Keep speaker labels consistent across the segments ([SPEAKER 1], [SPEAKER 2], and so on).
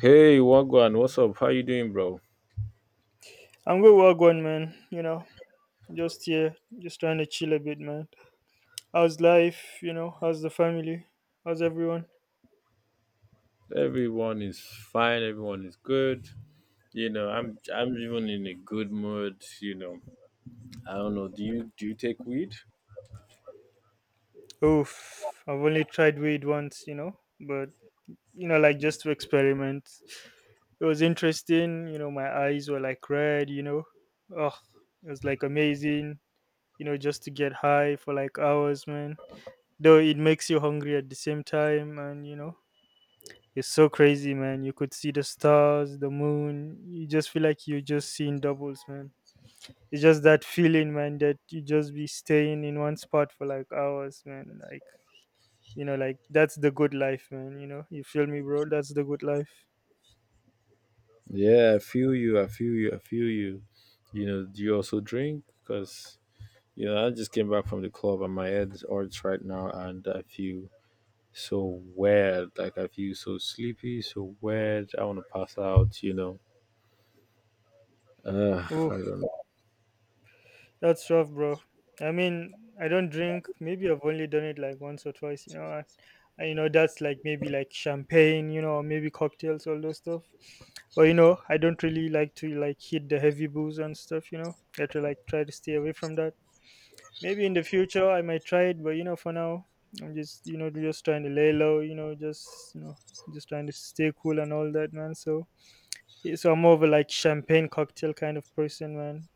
[SPEAKER 1] Hey, Wagwan, what's up? How you doing, bro?
[SPEAKER 2] I'm good, well gone, man. You know, just here, just trying to chill a bit, man. How's life? You know, how's the family? How's everyone?
[SPEAKER 1] Everyone is fine. Everyone is good. You know, I'm even in a good mood. You know, I don't know. Do you take weed?
[SPEAKER 2] Oof, I've only tried weed once, you know, but you know, like just to experiment. It was interesting, you know, my eyes were like red, you know. Oh, it was like amazing, you know, just to get high for like hours, man. Though it makes you hungry at the same time, and you know, it's so crazy, man. You could see the stars, the moon. You just feel like you're just seeing doubles, man. It's just that feeling, man, that you just be staying in one spot for like hours, man. Like, you know, like that's the good life, man. You know, you feel me, bro? That's the good life.
[SPEAKER 1] Yeah, I feel you. I feel you. I feel you. You know, do you also drink? Because you know, I just came back from the club and my head's hurts right now, and I feel so weird. Like I feel so sleepy, so weird. I want to pass out. You know,
[SPEAKER 2] Oh,
[SPEAKER 1] I don't know.
[SPEAKER 2] that's rough, bro. I mean, I don't drink. Maybe I've only done it like once or twice. You know, that's like maybe like champagne. You know, or maybe cocktails, all those stuff. But you know, I don't really like to like hit the heavy booze and stuff. You know, I have to like try to stay away from that. Maybe in the future I might try it, but you know, for now I'm just you know just trying to lay low. You know, just you know just trying to stay cool and all that, man. So, yeah, so I'm more of a like champagne cocktail kind of person, man,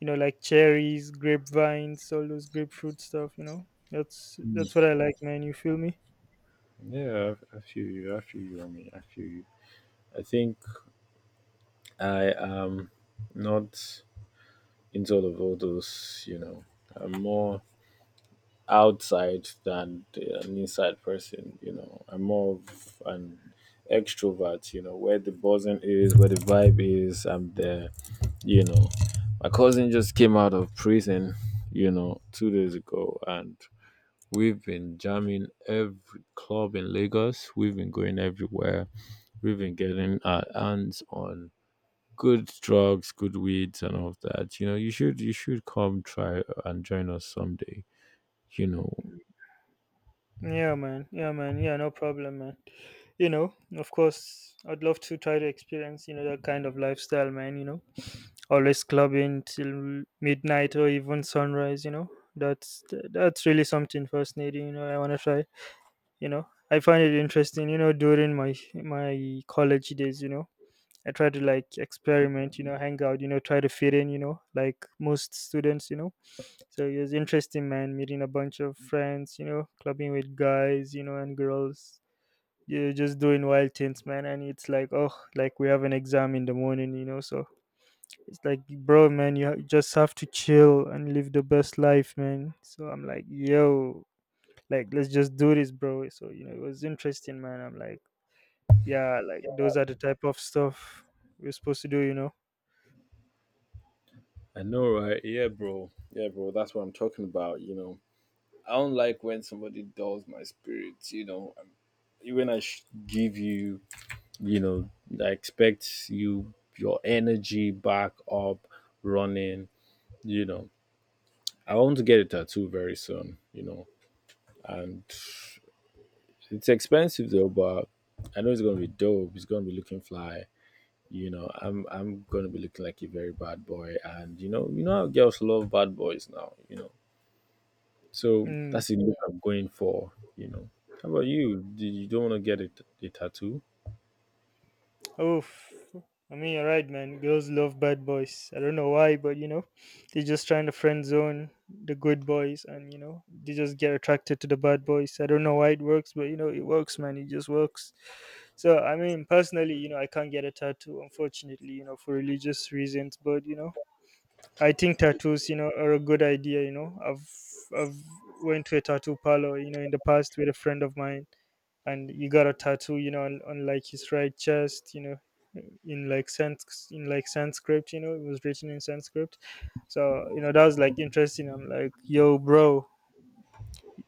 [SPEAKER 2] you know, like cherries, grapevines, all those grapefruit stuff, you know. That's
[SPEAKER 1] Mm.
[SPEAKER 2] that's what I like, man. You feel me?
[SPEAKER 1] Yeah, I feel you. I feel you. I mean, I feel you. I think I am not into all those, you know. I'm more outside than an inside person, you know. I'm more of an extrovert, you know, where the buzzing is, where the vibe is, I'm there, you know. My cousin just came out of prison, you know, 2 days ago and we've been jamming every club in Lagos. We've been going everywhere. We've been getting our hands on good drugs, good weeds, and all of that. You know, you should come try and join us someday. You know,
[SPEAKER 2] Yeah, man. Yeah, man. Yeah, no problem, man. You know, of course, I'd love to try to experience, you know, that kind of lifestyle, man, you know. Always clubbing till midnight or even sunrise, you know. That's that's really something fascinating, you know. I want to try, you know. I find it interesting, you know, during my college days, you know. I try to like experiment, you know, hang out, you know, try to fit in, you know, like most students, you know. So it was interesting, man, meeting a bunch of friends, you know, clubbing with guys, you know, and girls. You're just doing wild things, man. And it's like, oh, like we have an exam in the morning, you know. So it's like, bro, man, just have to chill and live the best life, man. So I'm like, yo, like, let's just do this, bro. So, you know, it was interesting, man. I'm like, yeah, like those are the type of stuff we're supposed to do, you know.
[SPEAKER 1] I know, right? Yeah, bro. Yeah, bro. That's what I'm talking about. You know, I don't like when somebody dulls my spirits. You know, when I give you, you know, I expect your energy back up, running. You know, I want to get a tattoo very soon. You know, and it's expensive though, but I know it's gonna be dope. It's gonna be looking fly. You know, I'm gonna be looking like a very bad boy, and you know how girls love bad boys now, you know. So
[SPEAKER 2] Mm.
[SPEAKER 1] that's the look I'm going for, you know. How about you? Do you don't want to get a tattoo?
[SPEAKER 2] Oof. I mean, you're right, man. Girls love bad boys. I don't know why, but you know, they're just trying to friend zone the good boys, and you know, they just get attracted to the bad boys. I don't know why it works, but you know, it works, man. It just works. So, I mean, personally, you know, I can't get a tattoo, unfortunately, you know, for religious reasons, but you know, I think tattoos, you know, are a good idea. You know, I've went to a tattoo parlor, you know, in the past with a friend of mine, and he got a tattoo, you know, on like his right chest, you know, in like Sanskrit, you know, it was written in Sanskrit. So you know, that was like interesting. I'm like, yo, bro,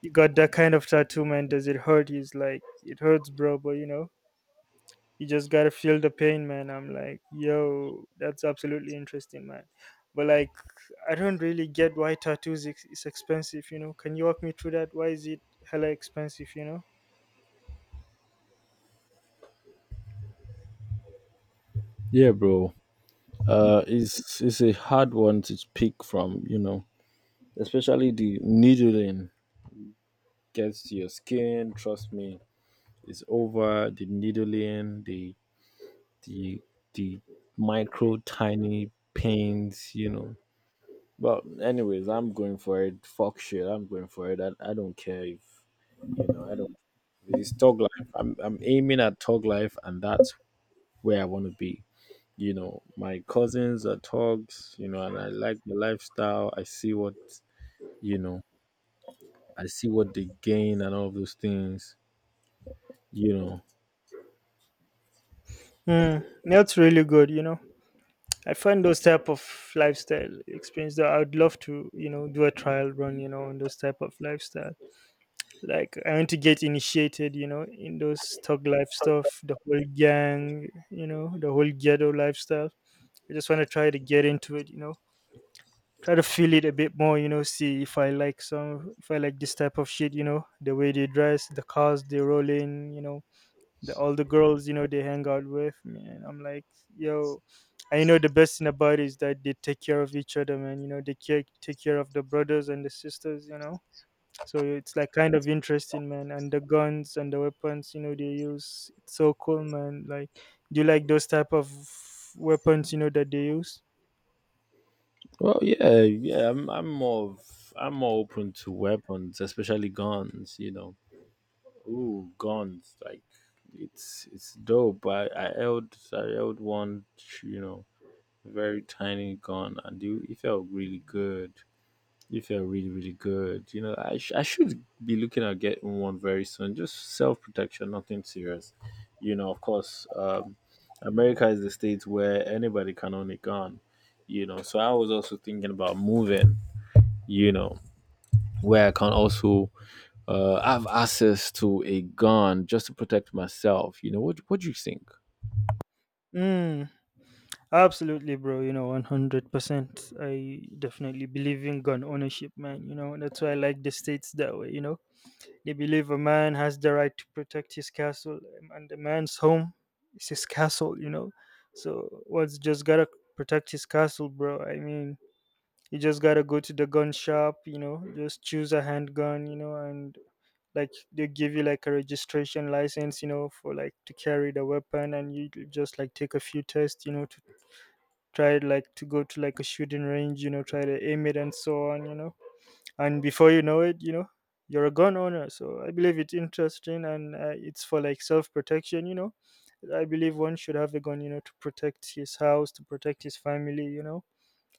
[SPEAKER 2] you got that kind of tattoo, man? Does it hurt? He's like, it hurts, bro, but you know, you just gotta feel the pain, man. I'm like, yo, that's absolutely interesting, man. But like, I don't really get why tattoos is expensive. You know, can you walk me through that? Why is it hella expensive? You know,
[SPEAKER 1] Yeah, bro. It's a hard one to pick from, you know, especially the needling gets to your skin. Trust me, it's over the needling, the the micro tiny pains, you know. But anyways, I'm going for it. Fuck shit, I'm going for it. I don't care, if you know. I don't. It's Tog life. I'm aiming at Tog life, and that's where I want to be. You know, my cousins are Togs. You know, and I like the lifestyle. I see what, you know. I see what they gain and all of those things. You know.
[SPEAKER 2] mm, that's really good. You know, I find those type of lifestyle experience that I would love to, you know, do a trial run. You know, on those type of lifestyle. Like, I want to get initiated. You know, in those thug life stuff, the whole gang. You know, the whole ghetto lifestyle. I just want to try to get into it. You know, try to feel it a bit more, you know, see if I like some if I like this type of shit, you know, the way they dress, the cars they roll in, you know, the all the girls, you know, they hang out with, man. I'm like, yo, I know the best thing about it is that they take care of each other, man. You know, they care, take care of the brothers and the sisters, you know. So it's like kind of interesting, man, and the guns and the weapons, you know, they use, it's so cool, man. Like, do you like those type of weapons, you know, that they use?
[SPEAKER 1] Well, yeah, yeah. I'm more open to weapons, especially guns. You know. Ooh, guns! Like it's dope. I held one, you know, very tiny gun, and you it felt really good. It felt really really good. You know, I should be looking at getting one very soon. Just self protection, nothing serious. You know, of course, America is the state where anybody can own a gun. You know, so I was also thinking about moving. You know, where I can also have access to a gun just to protect myself. You know, what do you think?
[SPEAKER 2] Mm. Absolutely, bro. You know, 100%. I definitely believe in gun ownership, man. You know, that's why I like the states that way. You know, they believe a man has the right to protect his castle, and the man's home is his castle, you know. So, one's just gotta protect his castle, bro. I mean, you just gotta go to the gun shop, you know, just choose a handgun, you know, and like they give you like a registration license, you know, for like to carry the weapon, and just like take a few tests, you know, to tried like to go to like a shooting range, you know, try to aim it and so on, you know. And before you know it, you know, you're a gun owner. So I believe it's interesting and it's for like self protection, you know. I believe one should have a gun, you know, to protect his house, to protect his family, you know.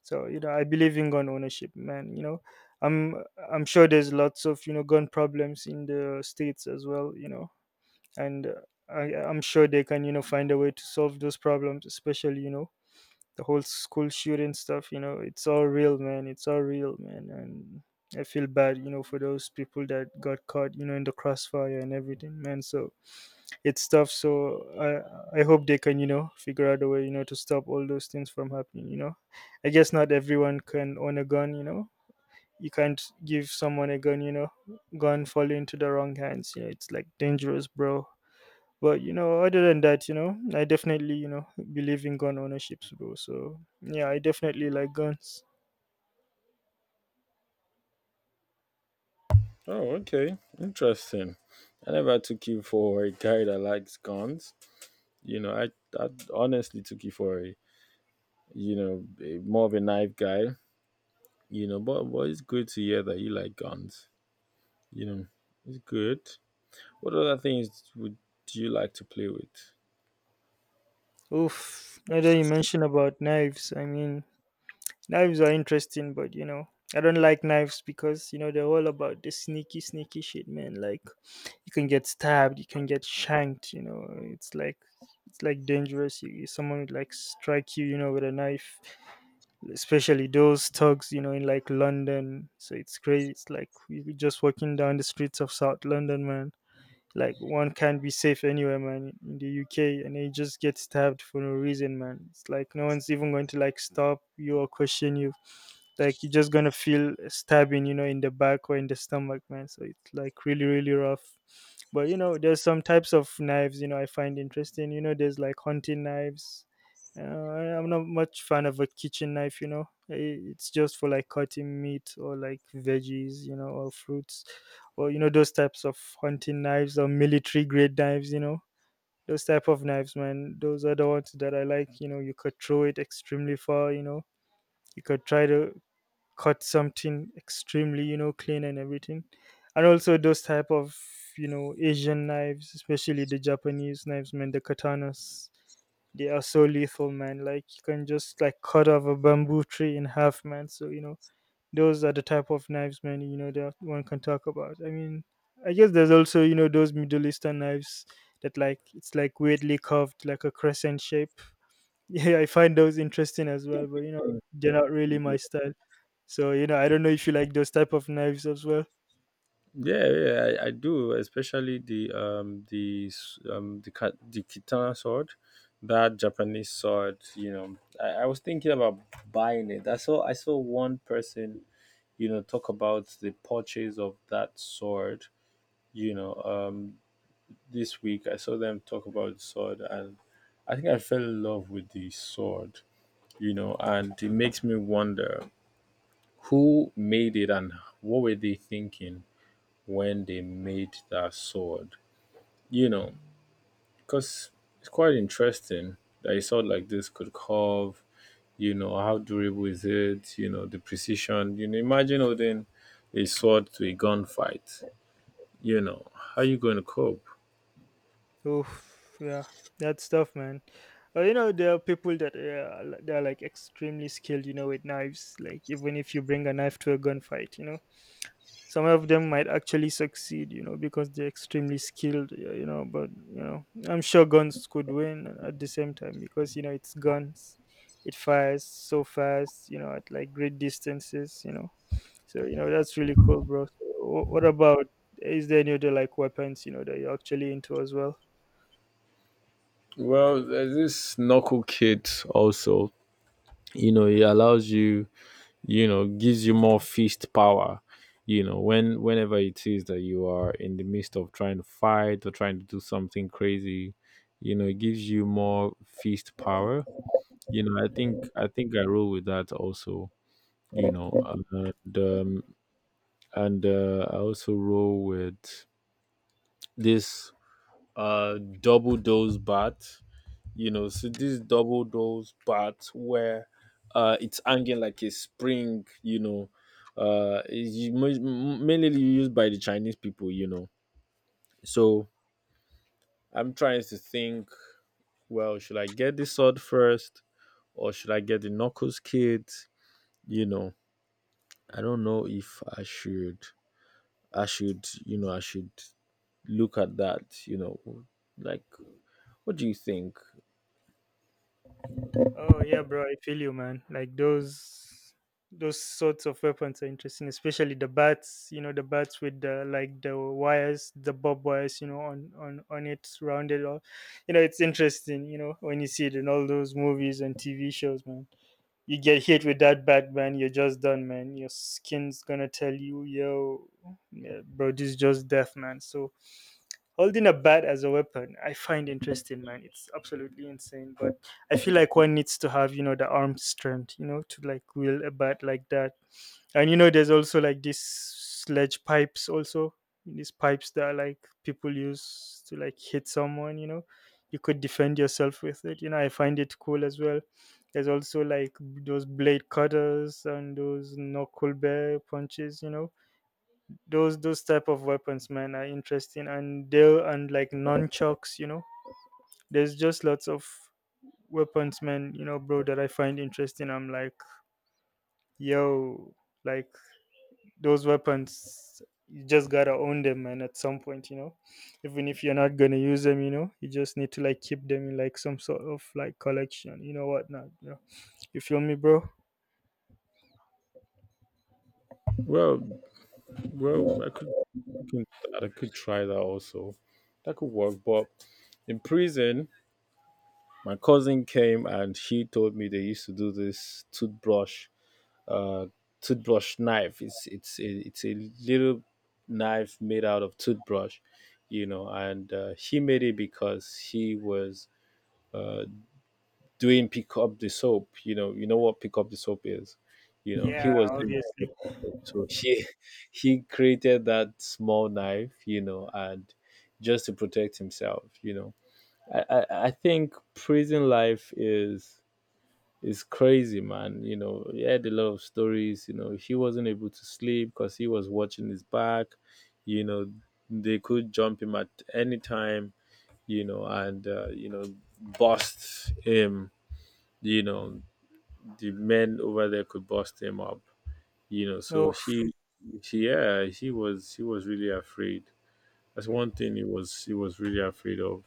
[SPEAKER 2] So you know, I believe in gun ownership, man. You know, I'm I'm sure there's lots of you know gun problems in the states as well, you know, and I'm sure they can you know find a way to solve those problems, especially you know the whole school shooting stuff, you know, it's all real, man. It's all real, man. And I feel bad, you know, for those people that got caught, you know, in the crossfire and everything, man. So it's tough. So I hope they can you know figure out a way, you know, to stop all those things from happening, you know. I guess not everyone can own a gun, you know. You can't give someone a gun, you know, gun fall into the wrong hands, you know, it's like dangerous, bro. But you know, other than that, you know, I definitely you know believe in gun ownership, bro. So yeah, I definitely like guns.
[SPEAKER 1] Oh, okay. Interesting. I never took you for a guy that likes guns. You know, I honestly took you for a, you know, more of a knife guy. You know, but it's good to hear that you like guns. You know, it's good. What other things would you like to play with?
[SPEAKER 2] Oof! Now that you mention about knives, I mean, knives are interesting, but you know, I don't like knives because you know they're all about the sneaky, sneaky shit, man. Like you can get stabbed, you can get shanked. You know, it's like dangerous. Someone would like strike you, you know, with a knife. Especially those thugs, you know, in like London. So it's crazy. It's like you're just walking down the streets of South London, man. Like one can't be safe anywhere, man, in the UK, and you just get stabbed for no reason, man. It's like no one's even going to like stop you or question you. Like you're just gonna feel a stabbing, you know, in the back or in the stomach, man. So it's like really, really rough. But you know, there's some types of knives, you know, I find interesting. You know, there's like hunting knives. I'm not much fan of a kitchen knife, you know. It's just for like cutting meat or like veggies, you know, or fruits or you know those types of hunting knives or military grade knives, you know, those type of knives, man, those are the ones that I like, you know. You could throw it extremely far, you know, you could try to cut something extremely, you know, clean and everything. And also those type of, you know, Asian knives, especially the Japanese knives, man, the katanas. They are so lethal, man. Like you can just like cut off a bamboo tree in half, man, so you know, those are the type of knives, man, you know, that one can talk about. I mean, I guess there's also, you know, those Middle Eastern knives that like it's like weirdly curved like a crescent shape. Yeah, I find those interesting as well, but you know, they're not really my style. So you know, I don't know if you like those type of knives as well.
[SPEAKER 1] Yeah, yeah, I do. Especially the s- the ka- the katana sword, that Japanese sword. You know, I was thinking about buying it. I saw one person, you know, talk about the purchase of that sword. You know, this week I saw them talk about the sword, and I think I fell in love with the sword. You know, and it makes me wonder who made it and what were they thinking when they made that sword, you know, because it's quite interesting that a sword like this could carve. You know, how durable is it? You know, the precision. You know, imagine holding a sword to a gunfight. You know, how you going to cope?
[SPEAKER 2] Oh yeah, that's tough, man. But you know, there are people that they're like extremely skilled, you know, with knives. Like even if you bring a knife to a gunfight, you know, some of them might actually succeed, you know, because they're extremely skilled, you know. But you know, I'm sure guns could win at the same time, because you know, it's guns. It fires so fast, you know, at like great distances, you know. So you know, that's really cool, bro. So, what about, is there any other like weapons, you know, that you're actually into as well?
[SPEAKER 1] Well, there's this knuckle kit also. You know, it allows you. You know, gives you more fist power. You know, whenever it is that you are in the midst of trying to fight or trying to do something crazy, you know, it gives you more fist power, you know. I think I roll with that also, you know. And I also roll with this double dose bat. You know, so this double dose bat where, it's hanging like a spring, you know. It's mainly used by the Chinese people, you know. So I'm trying to think, well, should I get the sword first, or should I get the knuckles kit, you know. I don't know if I should look at that, you know, like, what do you think?
[SPEAKER 2] Oh yeah, bro, I feel you, man. Like those sorts of weapons are interesting, especially the bats. You know, the bats with the like the wires, the bob wires, you know, on on it, rounded off. You know, it's interesting. You know, when you see it in all those movies and TV shows, man. You get hit with that bat, man. You're just done, man. Your skin's gonna tell you, yo, yeah, bro, this is just death, man. So holding a bat as a weapon, I find interesting, man. It's absolutely insane. But I feel like one needs to have, you know, the arm strength, you know, to like wield a bat like that. And you know, there's also like these sledge pipes also, these pipes that are like people use to like hit someone, you know. You could defend yourself with it, you know, I find it cool as well. There's also like those blade cutters and those knuckle bear punches, you know, those type of weapons, man, are interesting. And they'll and like nunchucks, you know, there's just lots of weapons, man, you know, bro, that I find interesting. I'm like, yo, like those weapons, you just gotta own them, man, at some point, you know. Even if you're not gonna use them, you know, you just need to like keep them in like some sort of like collection, you know what not, you know. You feel me, bro?
[SPEAKER 1] Well, I could look into, I could try that also. That could work. But in prison, my cousin came and she told me they used to do this uh, toothbrush knife. It's a little knife made out of toothbrush, you know. And he made it because he was, uh, doing pick up the soap. You know what pick up the soap is. You know, he
[SPEAKER 2] Yeah,
[SPEAKER 1] was doing pick
[SPEAKER 2] obviously.
[SPEAKER 1] up the soap. So he he created that small knife, you know, and just to protect himself, you know. I think prison life is crazy, man. You know, he had a lot of stories, you know, he wasn't able to sleep because he was watching his back, you know, they could jump him at any time, you know, and you know, bust him, you know. The men over there could bust him up, you know. So
[SPEAKER 2] Oh
[SPEAKER 1] she, yeah, she was really afraid. That's one thing he was really afraid of,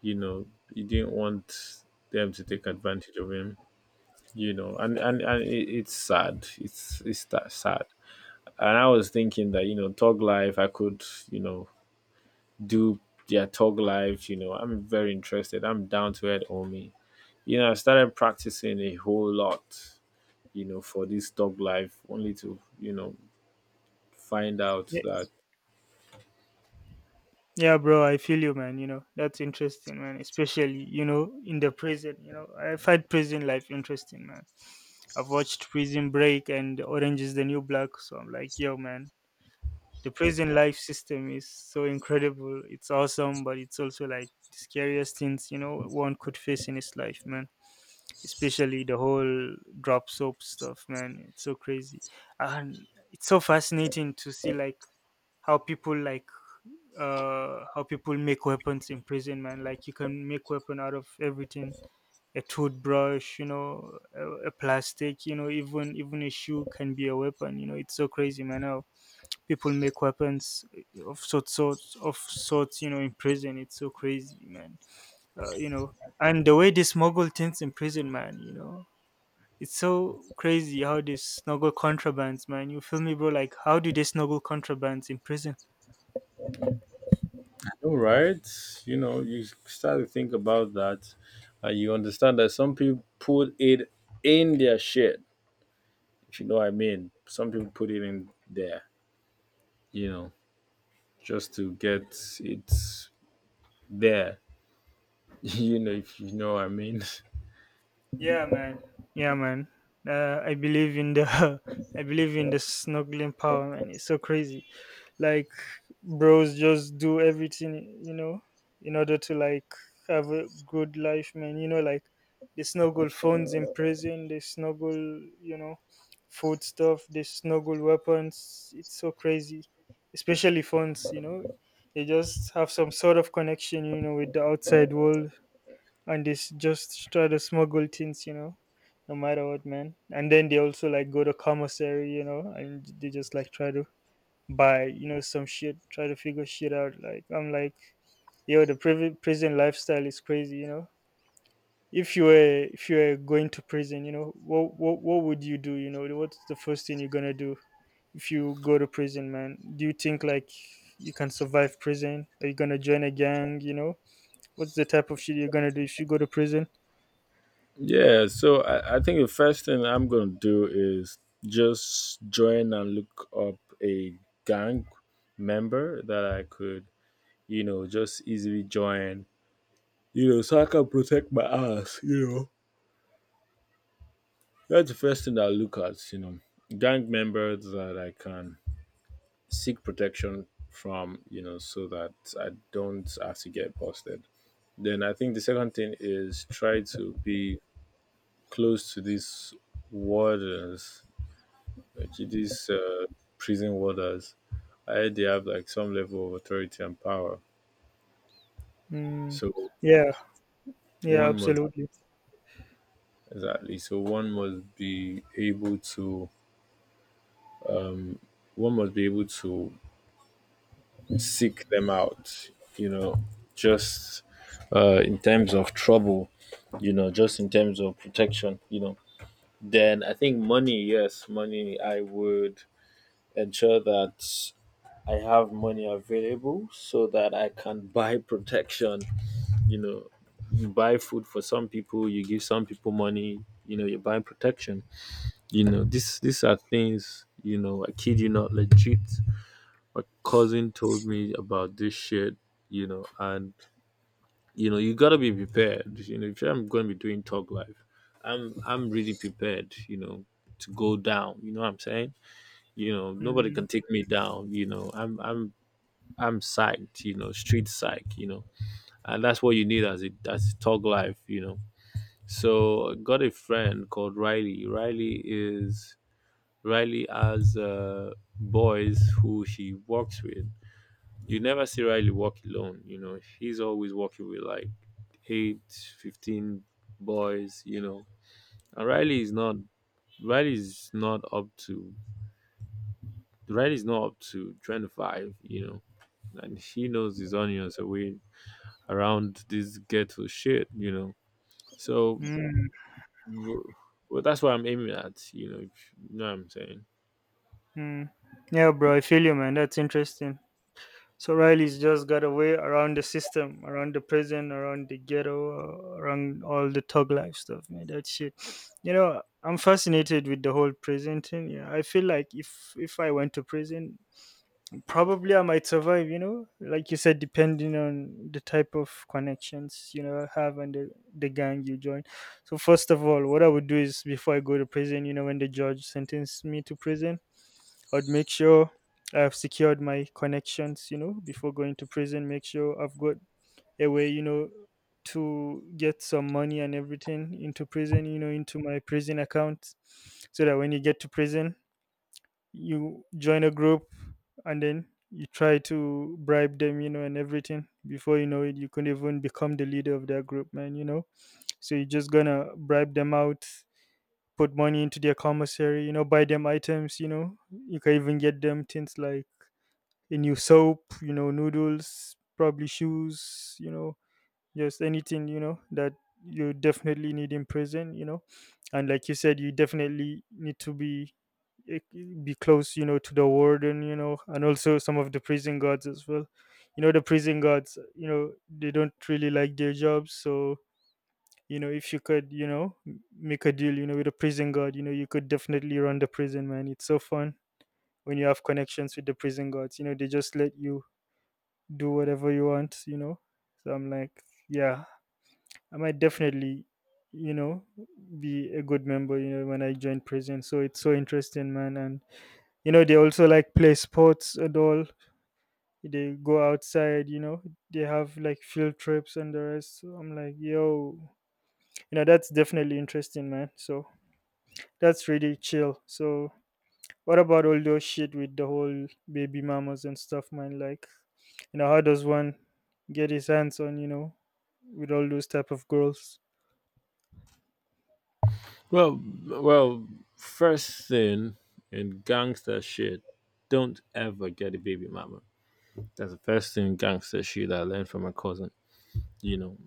[SPEAKER 1] you know. He didn't want them to take advantage of him, you know. And it's sad. It's that sad. And I was thinking that, you know, Tog life, I could, you know, do their Tog life. You know, I'm very interested, I'm down to it on. You know, I started practicing a whole lot, you know, for this dog life, only to, you know, find out
[SPEAKER 2] yeah.
[SPEAKER 1] that,
[SPEAKER 2] Yeah, bro, I feel you, man. You know, that's interesting, man. Especially, you know, in the prison. You know, I find prison life interesting, man. I've watched Prison Break and Orange is the New Black, so I'm like, yo, man, the prison life system is so incredible. It's awesome, but it's also like the scariest things, you know, one could face in his life, man. Especially the whole drop soap stuff, man. It's so crazy. And it's so fascinating to see, like how people make weapons in prison, man. Like you can make weapon out of everything, a toothbrush, you know, a plastic, you know, even a shoe can be a weapon, you know. It's so crazy, man, how people make weapons of sorts you know, in prison. It's so crazy, man. You know, and the way they smuggle things in prison, man, you know, it's so crazy how they smuggle contrabands, man. You feel me, bro? Like how do they smuggle contrabands in prison?
[SPEAKER 1] all right, you know, you start to think about that and you understand that some people put it in their shit, if you know what I mean. Some people put it in there, you know, just to get it there, you know, if you know what I mean.
[SPEAKER 2] Yeah, man. Yeah, man. I believe in the I believe in the snuggling power, man. It's so crazy. Like bros just do everything, you know, in order to like have a good life, man. You know, like they snuggle phones in prison, they snuggle, you know, food stuff, they snuggle weapons. It's so crazy. Especially phones, you know. They just have some sort of connection, you know, with the outside world, and they just try to smuggle things, you know, no matter what, man. And then they also like go to commissary, you know, and they just like try to buy, you know, some shit, try to figure shit out. Like I'm like, yo, the prison lifestyle is crazy, you know. If you were going to prison, you know, what what would you do? You know, what's the first thing you're gonna do if you go to prison, man? Do you think like you can survive prison? Are you gonna join a gang? You know, what's the type of shit you're gonna do if you go to prison?
[SPEAKER 1] Yeah, so I think the first thing I'm gonna do is just join and look up a gang member that I could, you know, just easily join, you know, so I can protect my ass, you know. That's the first thing that I look at, you know, gang members that I can seek protection from, you know, so that I don't have to get busted. Then I think the second thing is try to be close to these wardens, like these prison warders. I heard they have like some level of authority and power.
[SPEAKER 2] Mm,
[SPEAKER 1] So
[SPEAKER 2] yeah, yeah,
[SPEAKER 1] one must,
[SPEAKER 2] absolutely.
[SPEAKER 1] exactly. So one must be able to seek them out, you know, just in terms of trouble, you know, just in terms of protection, you know. Then I think money, yes, money, I would ensure that I have money available so that I can buy protection, you know. You buy food for some people, you give some people money, you know, you buy protection. You know, this these are things, you know, I kid you not legit my cousin told me about this shit, you know, and you know, you gotta be prepared. You know, if I'm gonna be doing talk live, I'm really prepared, you know, to go down. You know what I'm saying? You know, nobody
[SPEAKER 2] Mm,
[SPEAKER 1] can take me down, you know. I'm psyched, you know, street psych, you know. And that's what you need as a talk live, you know. So I got a friend called Riley. Riley is Riley has boys who she works with. You never see Riley walk alone. You know, he's always walking with like eight, 15 boys, you know. And Riley is not up to, Riley is not up to 25, you know. And he knows his onions away around this ghetto shit, you know. So,
[SPEAKER 2] mm,
[SPEAKER 1] well, that's what I'm aiming at, you know, if you know what I'm saying.
[SPEAKER 2] mm. Yeah, bro, I feel you, man. That's interesting. So Riley's just got away around the system, around the prison, around the ghetto, around all the thug life stuff, man. That shit. You know, I'm fascinated with the whole prison thing. Yeah, I feel like if I went to prison, probably I might survive, you know, like you said, depending on the type of connections you know I have and the gang you join. So first of all, what I would do is before I go to prison, you know, when the judge sentenced me to prison, I'd make sure I have secured my connections, you know, before going to prison. Make sure I've got a way, you know, to get some money and everything into prison, you know, into my prison account, so that when you get to prison, you join a group and then you try to bribe them, you know, and everything. Before you know it, you could even become the leader of that group, man, you know. So you're just gonna bribe them out, put money into their commissary, you know, buy them items, you know. You can even get them things like a new soap, you know, noodles, probably shoes, you know, just anything, you know, that you definitely need in prison, you know. And like you said, you definitely need to be eh, be close, you know, to the warden, you know, and also some of the prison guards as well. You know, the prison guards, you know, they don't really like their jobs. So you know, if you could, you know, make a deal, you know, with a prison guard, you know, you could definitely run the prison, man. It's so fun when you have connections with the prison guards, you know, they just let you do whatever you want, you know. So I'm like, yeah, I might definitely, you know, be a good member, you know, when I join prison. So it's so interesting, man. And you know, they also like play sports and all. They go outside, you know, they have like field trips and the rest. So I'm like, yo, you know, that's definitely interesting, man. So that's really chill. So what about all those shit with the whole baby mamas and stuff, man? Like, you know, how does one get his hands on, you know, with all those type of girls?
[SPEAKER 1] Well, well, first thing in gangster shit, don't ever get a baby mama. That's the first thing gangster shit I learned from my cousin. You know,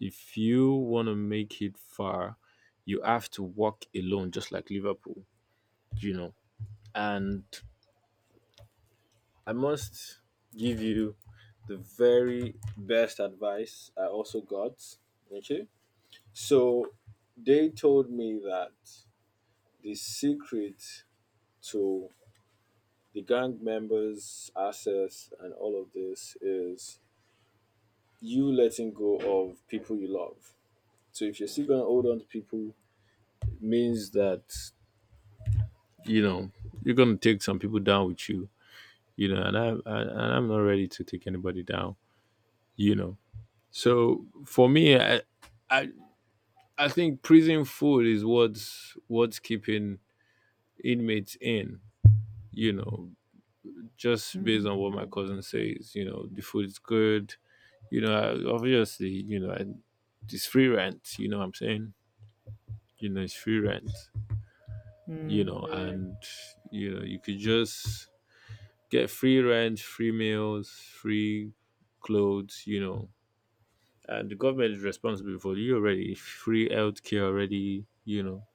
[SPEAKER 1] if you want to make it far, you have to walk alone, just like Liverpool, you know. And I must give you the very best advice I also got. Okay. So they told me that the secret to the gang members' assets and all of this is you letting go of people you love. So if you're still gonna hold on to people, it means that you know you're gonna take some people down with you. You know, and I and I'm not ready to take anybody down. You know, so for me, I I think prison food is what's keeping inmates in. You know, just based
[SPEAKER 2] Mm.
[SPEAKER 1] on what my cousin says. The food is good. Obviously, it's free rent. You know what I'm saying? It's free rent. You
[SPEAKER 2] Mm.
[SPEAKER 1] know, and you could just get free rent, free meals, free clothes. And the government is responsible for you already, free healthcare already.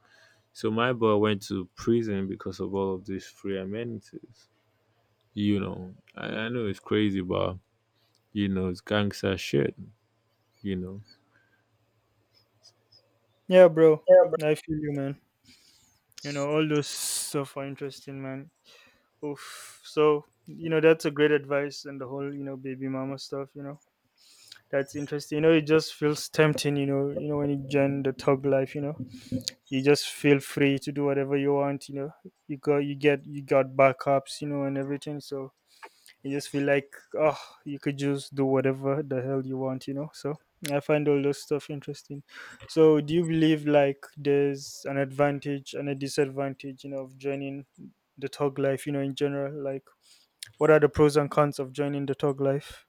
[SPEAKER 1] So my boy went to prison because of all of these free amenities. I know it's crazy, but it's gangster shit, you know.
[SPEAKER 2] Yeah, bro. I feel you, man. You know, all those stuff are interesting, man. Oof. So, you know, that's a great advice and the whole, you know, baby mama stuff, you know. That's interesting. You know, it just feels tempting, you know, when you join the thug life, you know. You just feel free to do whatever you want, you know. You got backups, you know, and everything. So you just feel like, oh, you could just do whatever the hell you want, you know. So I find all those stuff interesting. So do you believe like there's an advantage and a disadvantage, you know, of joining the tog life, you know, in general. Like what are the pros and cons of joining the tog life?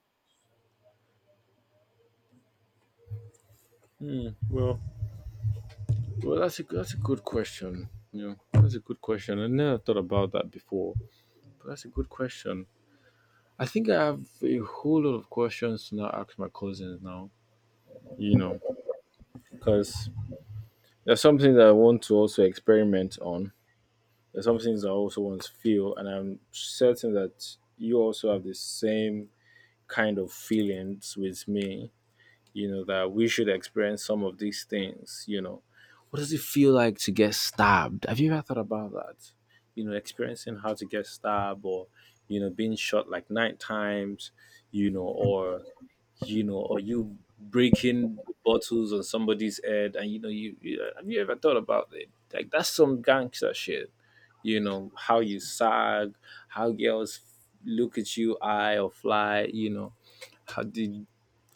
[SPEAKER 1] Hmm, well, that's a good question. Yeah, that's a good question. I never thought about that before, but that's a good question. I think I have a whole lot of questions to now ask my cousins now. you know, because there's something that I want to also experiment on. There's some things I also want to feel, and I'm certain that you also have the same kind of feelings with me, that we should experience some of these things. What does it feel like to get stabbed? Have you ever thought about that? Experiencing how to get stabbed or being shot like nine times, you know, or you know, or you breaking bottles on somebody's head, and you know, you have you ever thought about it? Like that's some gangster shit. You know how you sag, how girls look at you, eye or fly. You know how the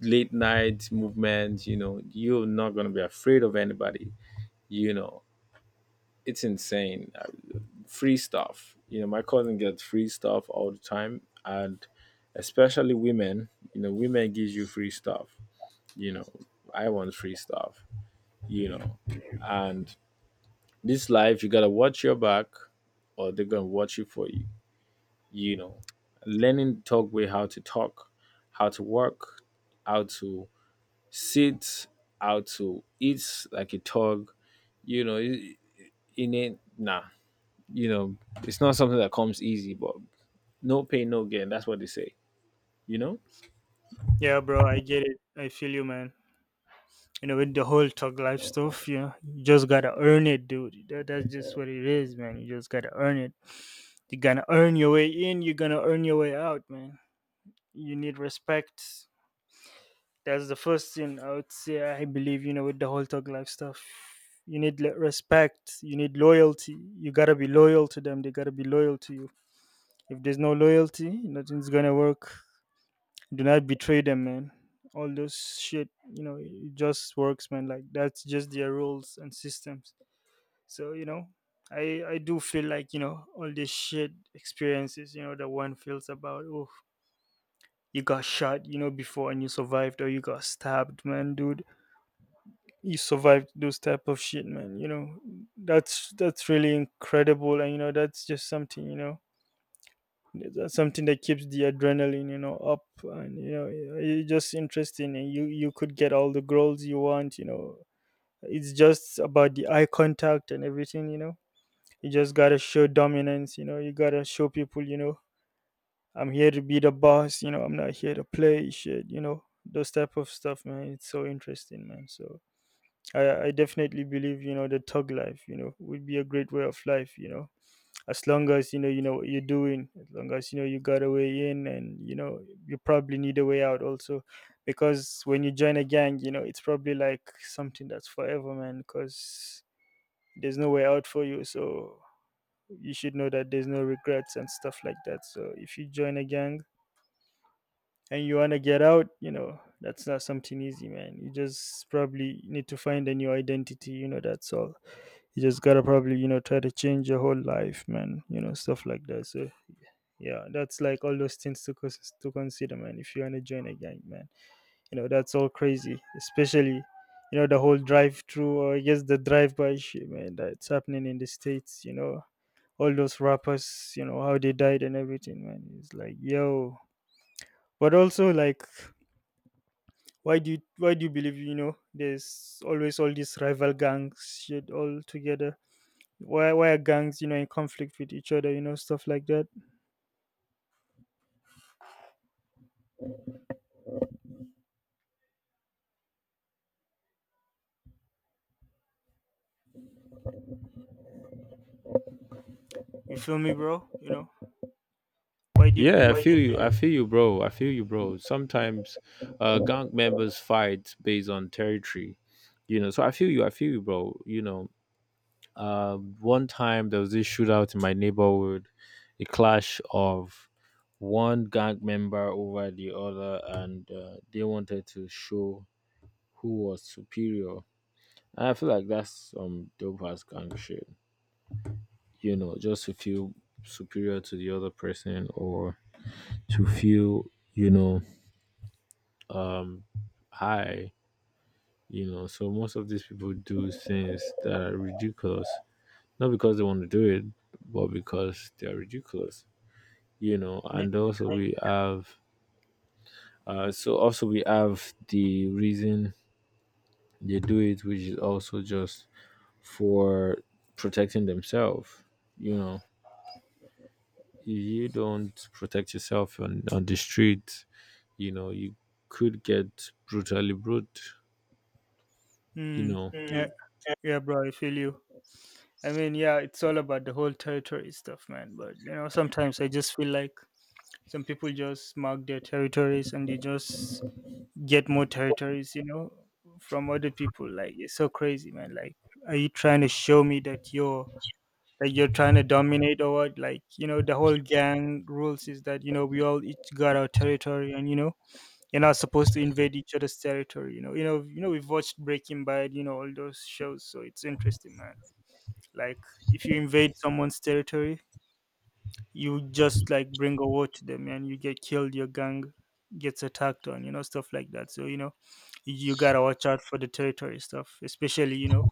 [SPEAKER 1] late night movement. You know you're not gonna be afraid of anybody. You know it's insane. Free stuff. You know my cousin gets free stuff all the time, and especially women. You know women gives you free stuff you know, I want free stuff, you
[SPEAKER 2] Mm.
[SPEAKER 1] know. And this life, you gotta watch your back, or they're gonna watch you for you, you know. Learning the talk way how to talk, how to work, how to sit, how to eat like a dog, you know. i- In it, nah, you know, it's not something that comes easy, but no pain, no gain. That's what they say, you know.
[SPEAKER 2] Yeah, bro, I get it, I feel you, man. You know, with the whole tog life stuff, you know, you just gotta earn it, dude. That's just what it is, man. You just gotta earn it. You're gonna earn your way in, you're gonna earn your way out, man. You need respect. That's the first thing I would say. I believe, you know, with the whole thug life stuff. You need respect. You need loyalty. You gotta be loyal to them. They gotta be loyal to you. If there's no loyalty, nothing's gonna work. Do not betray them, man. All those shit, you know, it just works, man. Like that's just their rules and systems. So you know, I do feel like, you know, all this shit experiences, you know, that one feels about. Oh, you got shot, you know, before and you survived, or you got stabbed, man, dude. You survived those type of shit, man. You know, that's really incredible, and you know, that's just something, you know, that's something that keeps the adrenaline, you know, up, and you know, it's just interesting, and you could get all the girls you want, you know. It's just about the eye contact and everything, you know. You just gotta show dominance, you know. You gotta show people, you know, I'm here to be the boss, you know, I'm not here to play shit, you know, those type of stuff, man. It's so interesting, man. So I definitely believe, the tug life, would be a great way of life. As long as you know what you're doing, as long as you know you got a way in, and you probably need a way out also. Because when you join a gang, it's probably like something that's forever, man, because there's no way out for you. So you should know that there's no regrets and stuff like that. So if you join a gang and you want to get out, that's not something easy, man. You just probably need to find a new identity, that's all. You just gotta probably, try to change your whole life, man, stuff like that. So, yeah, that's like all those things to, consider, man, if you want to join a gang, man. That's all crazy, especially, the whole drive through, or I guess the drive by shit, man, that's happening in the States. All those rappers, how they died and everything, man. It's like, yo, but also like why do you believe, there's always all these rival gangs shit all together? Why are gangs, in conflict with each other? Stuff like that. You feel me, bro? Why do you
[SPEAKER 1] Yeah, I what
[SPEAKER 2] believe?
[SPEAKER 1] do feel you you. I think feel you, bro. I feel you, bro. Sometimes gang members fight based on territory. So I feel you, bro. One time there was this shootout in my neighborhood, a clash of one gang member over the other, and they wanted to show who was superior. And I feel like that's some dope ass gang shit. Just to feel superior to the other person, or to feel, you know, um high. So most of these people do things that are ridiculous, not because they want to do it, but because they are ridiculous.
[SPEAKER 2] Yeah.
[SPEAKER 1] And also we have, so also we have the reason they do it, which is also just for protecting themselves, you know. If you don't protect yourself on the street, you could get brutally brute, you
[SPEAKER 2] Mm.
[SPEAKER 1] know
[SPEAKER 2] Yeah, yeah, bro, I feel you. I mean, yeah, it's all about the whole territory stuff, man, but sometimes I just feel like some people just mark their territories and they just get more territories from other people. Like it's so crazy, man. Like are you trying to show me that you're, like you're trying to dominate, or what? Like the whole gang rules is that, we all each got our territory, and you're not supposed to invade each other's territory. We've watched Breaking Bad, all those shows, so it's interesting, man. Like if you invade someone's territory, you just like bring a war to them and you get killed, your gang gets attacked on, you know, stuff like that. So you gotta watch out for the territory stuff, especially.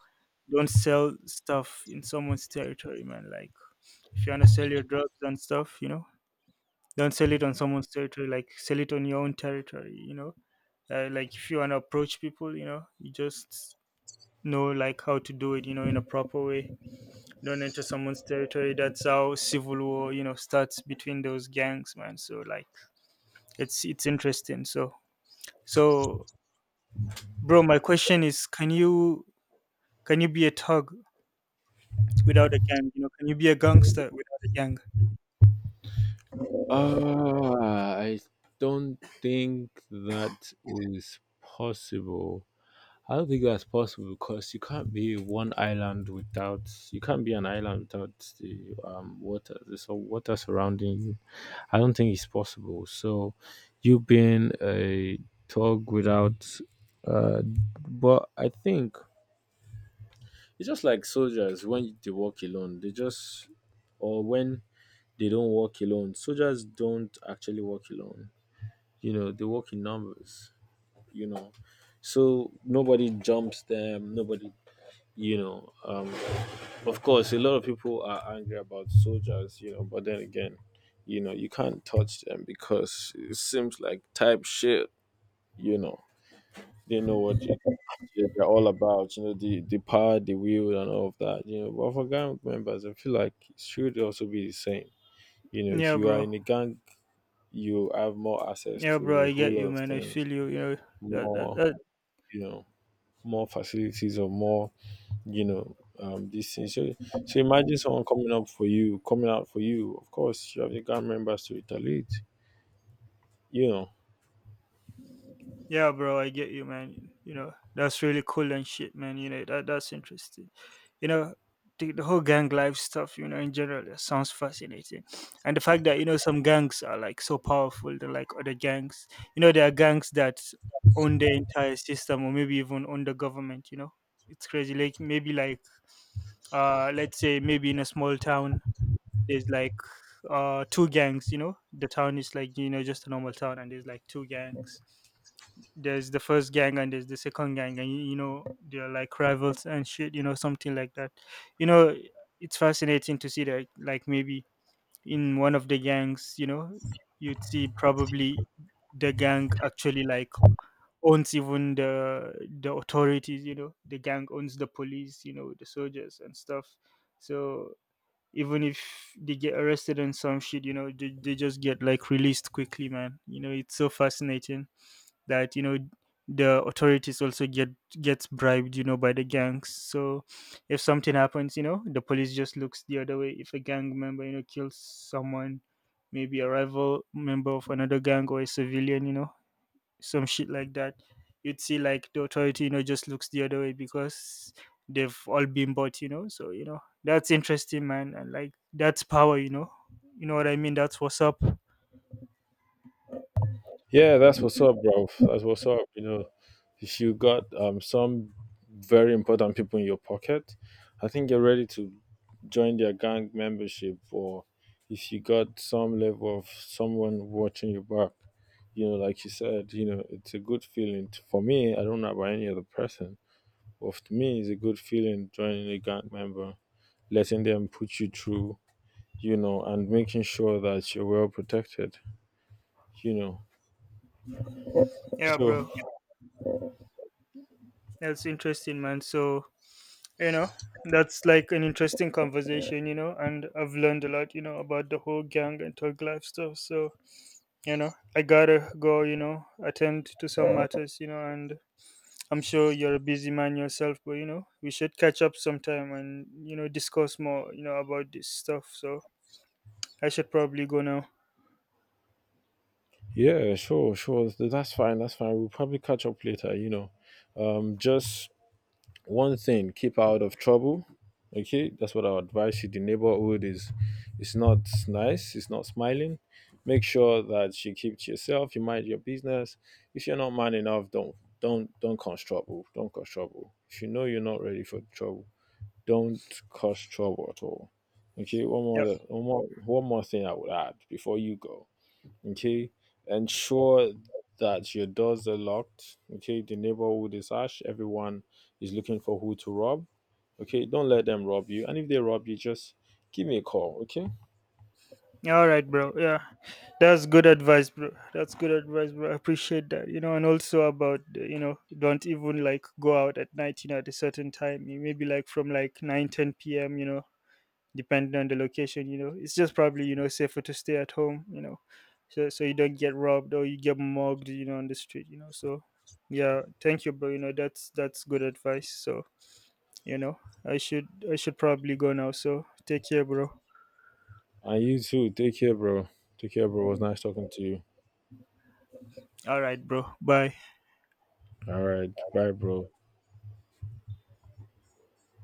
[SPEAKER 2] Don't sell stuff in someone's territory, man. Like if you want to sell your drugs and stuff, don't sell it on someone's territory. Like sell it on your own territory. Like if you want to approach people, you just know like how to do it. In a proper way. Don't enter someone's territory. That's how civil war, starts between those gangs, man. So like, it's interesting. So so, bro, my question is, can you be a thug without a gang? Can you be a gangster without a gang?
[SPEAKER 1] I don't think that is possible. I don't think that's possible because you can't be an island without the water surrounding you. I don't think it's possible. So you being a dog without, uh but I think it's just like soldiers when they walk alone, they just, or when they don't walk alone. Soldiers don't actually walk alone. They work in numbers. You know so nobody jumps them, nobody you know um of course a lot of people are angry about soldiers, but then again, you can't touch them because it seems like type shit you know they know what you, they're all about, the power, the will, and all of that. But for gang members, I feel like it should also be the same. If
[SPEAKER 2] Yeah,
[SPEAKER 1] you are
[SPEAKER 2] bro.
[SPEAKER 1] in a gang, you have more access
[SPEAKER 2] Yeah,
[SPEAKER 1] to
[SPEAKER 2] bro,
[SPEAKER 1] a
[SPEAKER 2] I
[SPEAKER 1] whole
[SPEAKER 2] get
[SPEAKER 1] lot
[SPEAKER 2] you,
[SPEAKER 1] of
[SPEAKER 2] man. I
[SPEAKER 1] things,
[SPEAKER 2] feel you. You know, that, that,
[SPEAKER 1] more,
[SPEAKER 2] that
[SPEAKER 1] you know, more facilities or more, these things. So, imagine someone coming up for you, coming out for you. Of course, you have the gang members to retaliate, you know.
[SPEAKER 2] Yeah, bro, I get you, man. That's really cool and shit, man. That that's interesting. You know, the whole gang life stuff, in general, that sounds fascinating. And the fact that, some gangs are like so powerful than like other gangs. There are gangs that own the entire system, or maybe even own the government. It's crazy. Like maybe like let's say maybe in a small town there's like two gangs, you know. The town is like, just a normal town, and there's like two gangs. There's the first gang and there's the second gang, and you know they're like rivals and shit something like that. you know it's fascinating to see that, like maybe in one of the gangs, you'd see probably the gang actually like owns even the authorities. The gang owns the police, the soldiers and stuff. So even if they get arrested and some shit, they just get like released quickly, man. It's so fascinating that the authorities also get, gets bribed, by the gangs. So if something happens, the police just looks the other way. If a gang member, kills someone, maybe a rival member of another gang or a civilian, some shit like that. You'd see like the authority, just looks the other way, because they've all been bought, you know. So that's interesting, man, and like that's power. You know what I mean? That's what's up.
[SPEAKER 1] Yeah, that's what's up, bro. That's what's up. If you got some very important people in your pocket, I think you're ready to join their gang membership. Or if you got some level of someone watching your back, like you said, it's a good feeling. For me, I don't know about any other person. Of me, it's a good feeling joining a gang member, letting them put you through, and making sure that you're well protected, you know.
[SPEAKER 2] Yeah,
[SPEAKER 1] So
[SPEAKER 2] bro, that's interesting, man. So you know that's like an interesting conversation, you know, and I've learned a lot about the whole gang and thug life stuff. So I gotta go, attend to some matters, and I'm sure you're a busy man yourself. But we should catch up sometime, and discuss more about this stuff. So I should probably go now.
[SPEAKER 1] yeah, sure, sure. That's fine. That's fine. We'll probably catch up later. Just one thing: keep out of trouble. Okay, that's what I'll advise you. The neighborhood is — it's not nice, it's not smiling. Make sure that you keep to yourself, you mind your business. If you're not man enough, don't cause trouble. Don't cause trouble if you know you're not ready for trouble. Don't cause trouble at all. Okay, one more thing I would add before you go. Okay. Ensure that your doors are locked. Okay, the neighborhood is ash, everyone is looking for who to rob. Okay, don't let them rob you, and if they rob you, just give me a call. Okay.
[SPEAKER 2] All right, bro. Yeah, that's good advice, bro. That's good advice, bro. I appreciate that. And also about don't even like go out at night. At a certain time, you maybe like from like 9-10 p.m. Depending on the location. It's just probably safer to stay at home. So so you don't get robbed or you get mugged, you know, on the street. So yeah, thank you, bro. That's good advice. So you know, I should probably go now. So take care, bro.
[SPEAKER 1] And you too, take care, bro. Take care, bro. It was nice talking to you.
[SPEAKER 2] All right, bro. Bye.
[SPEAKER 1] All right. Bye, bro.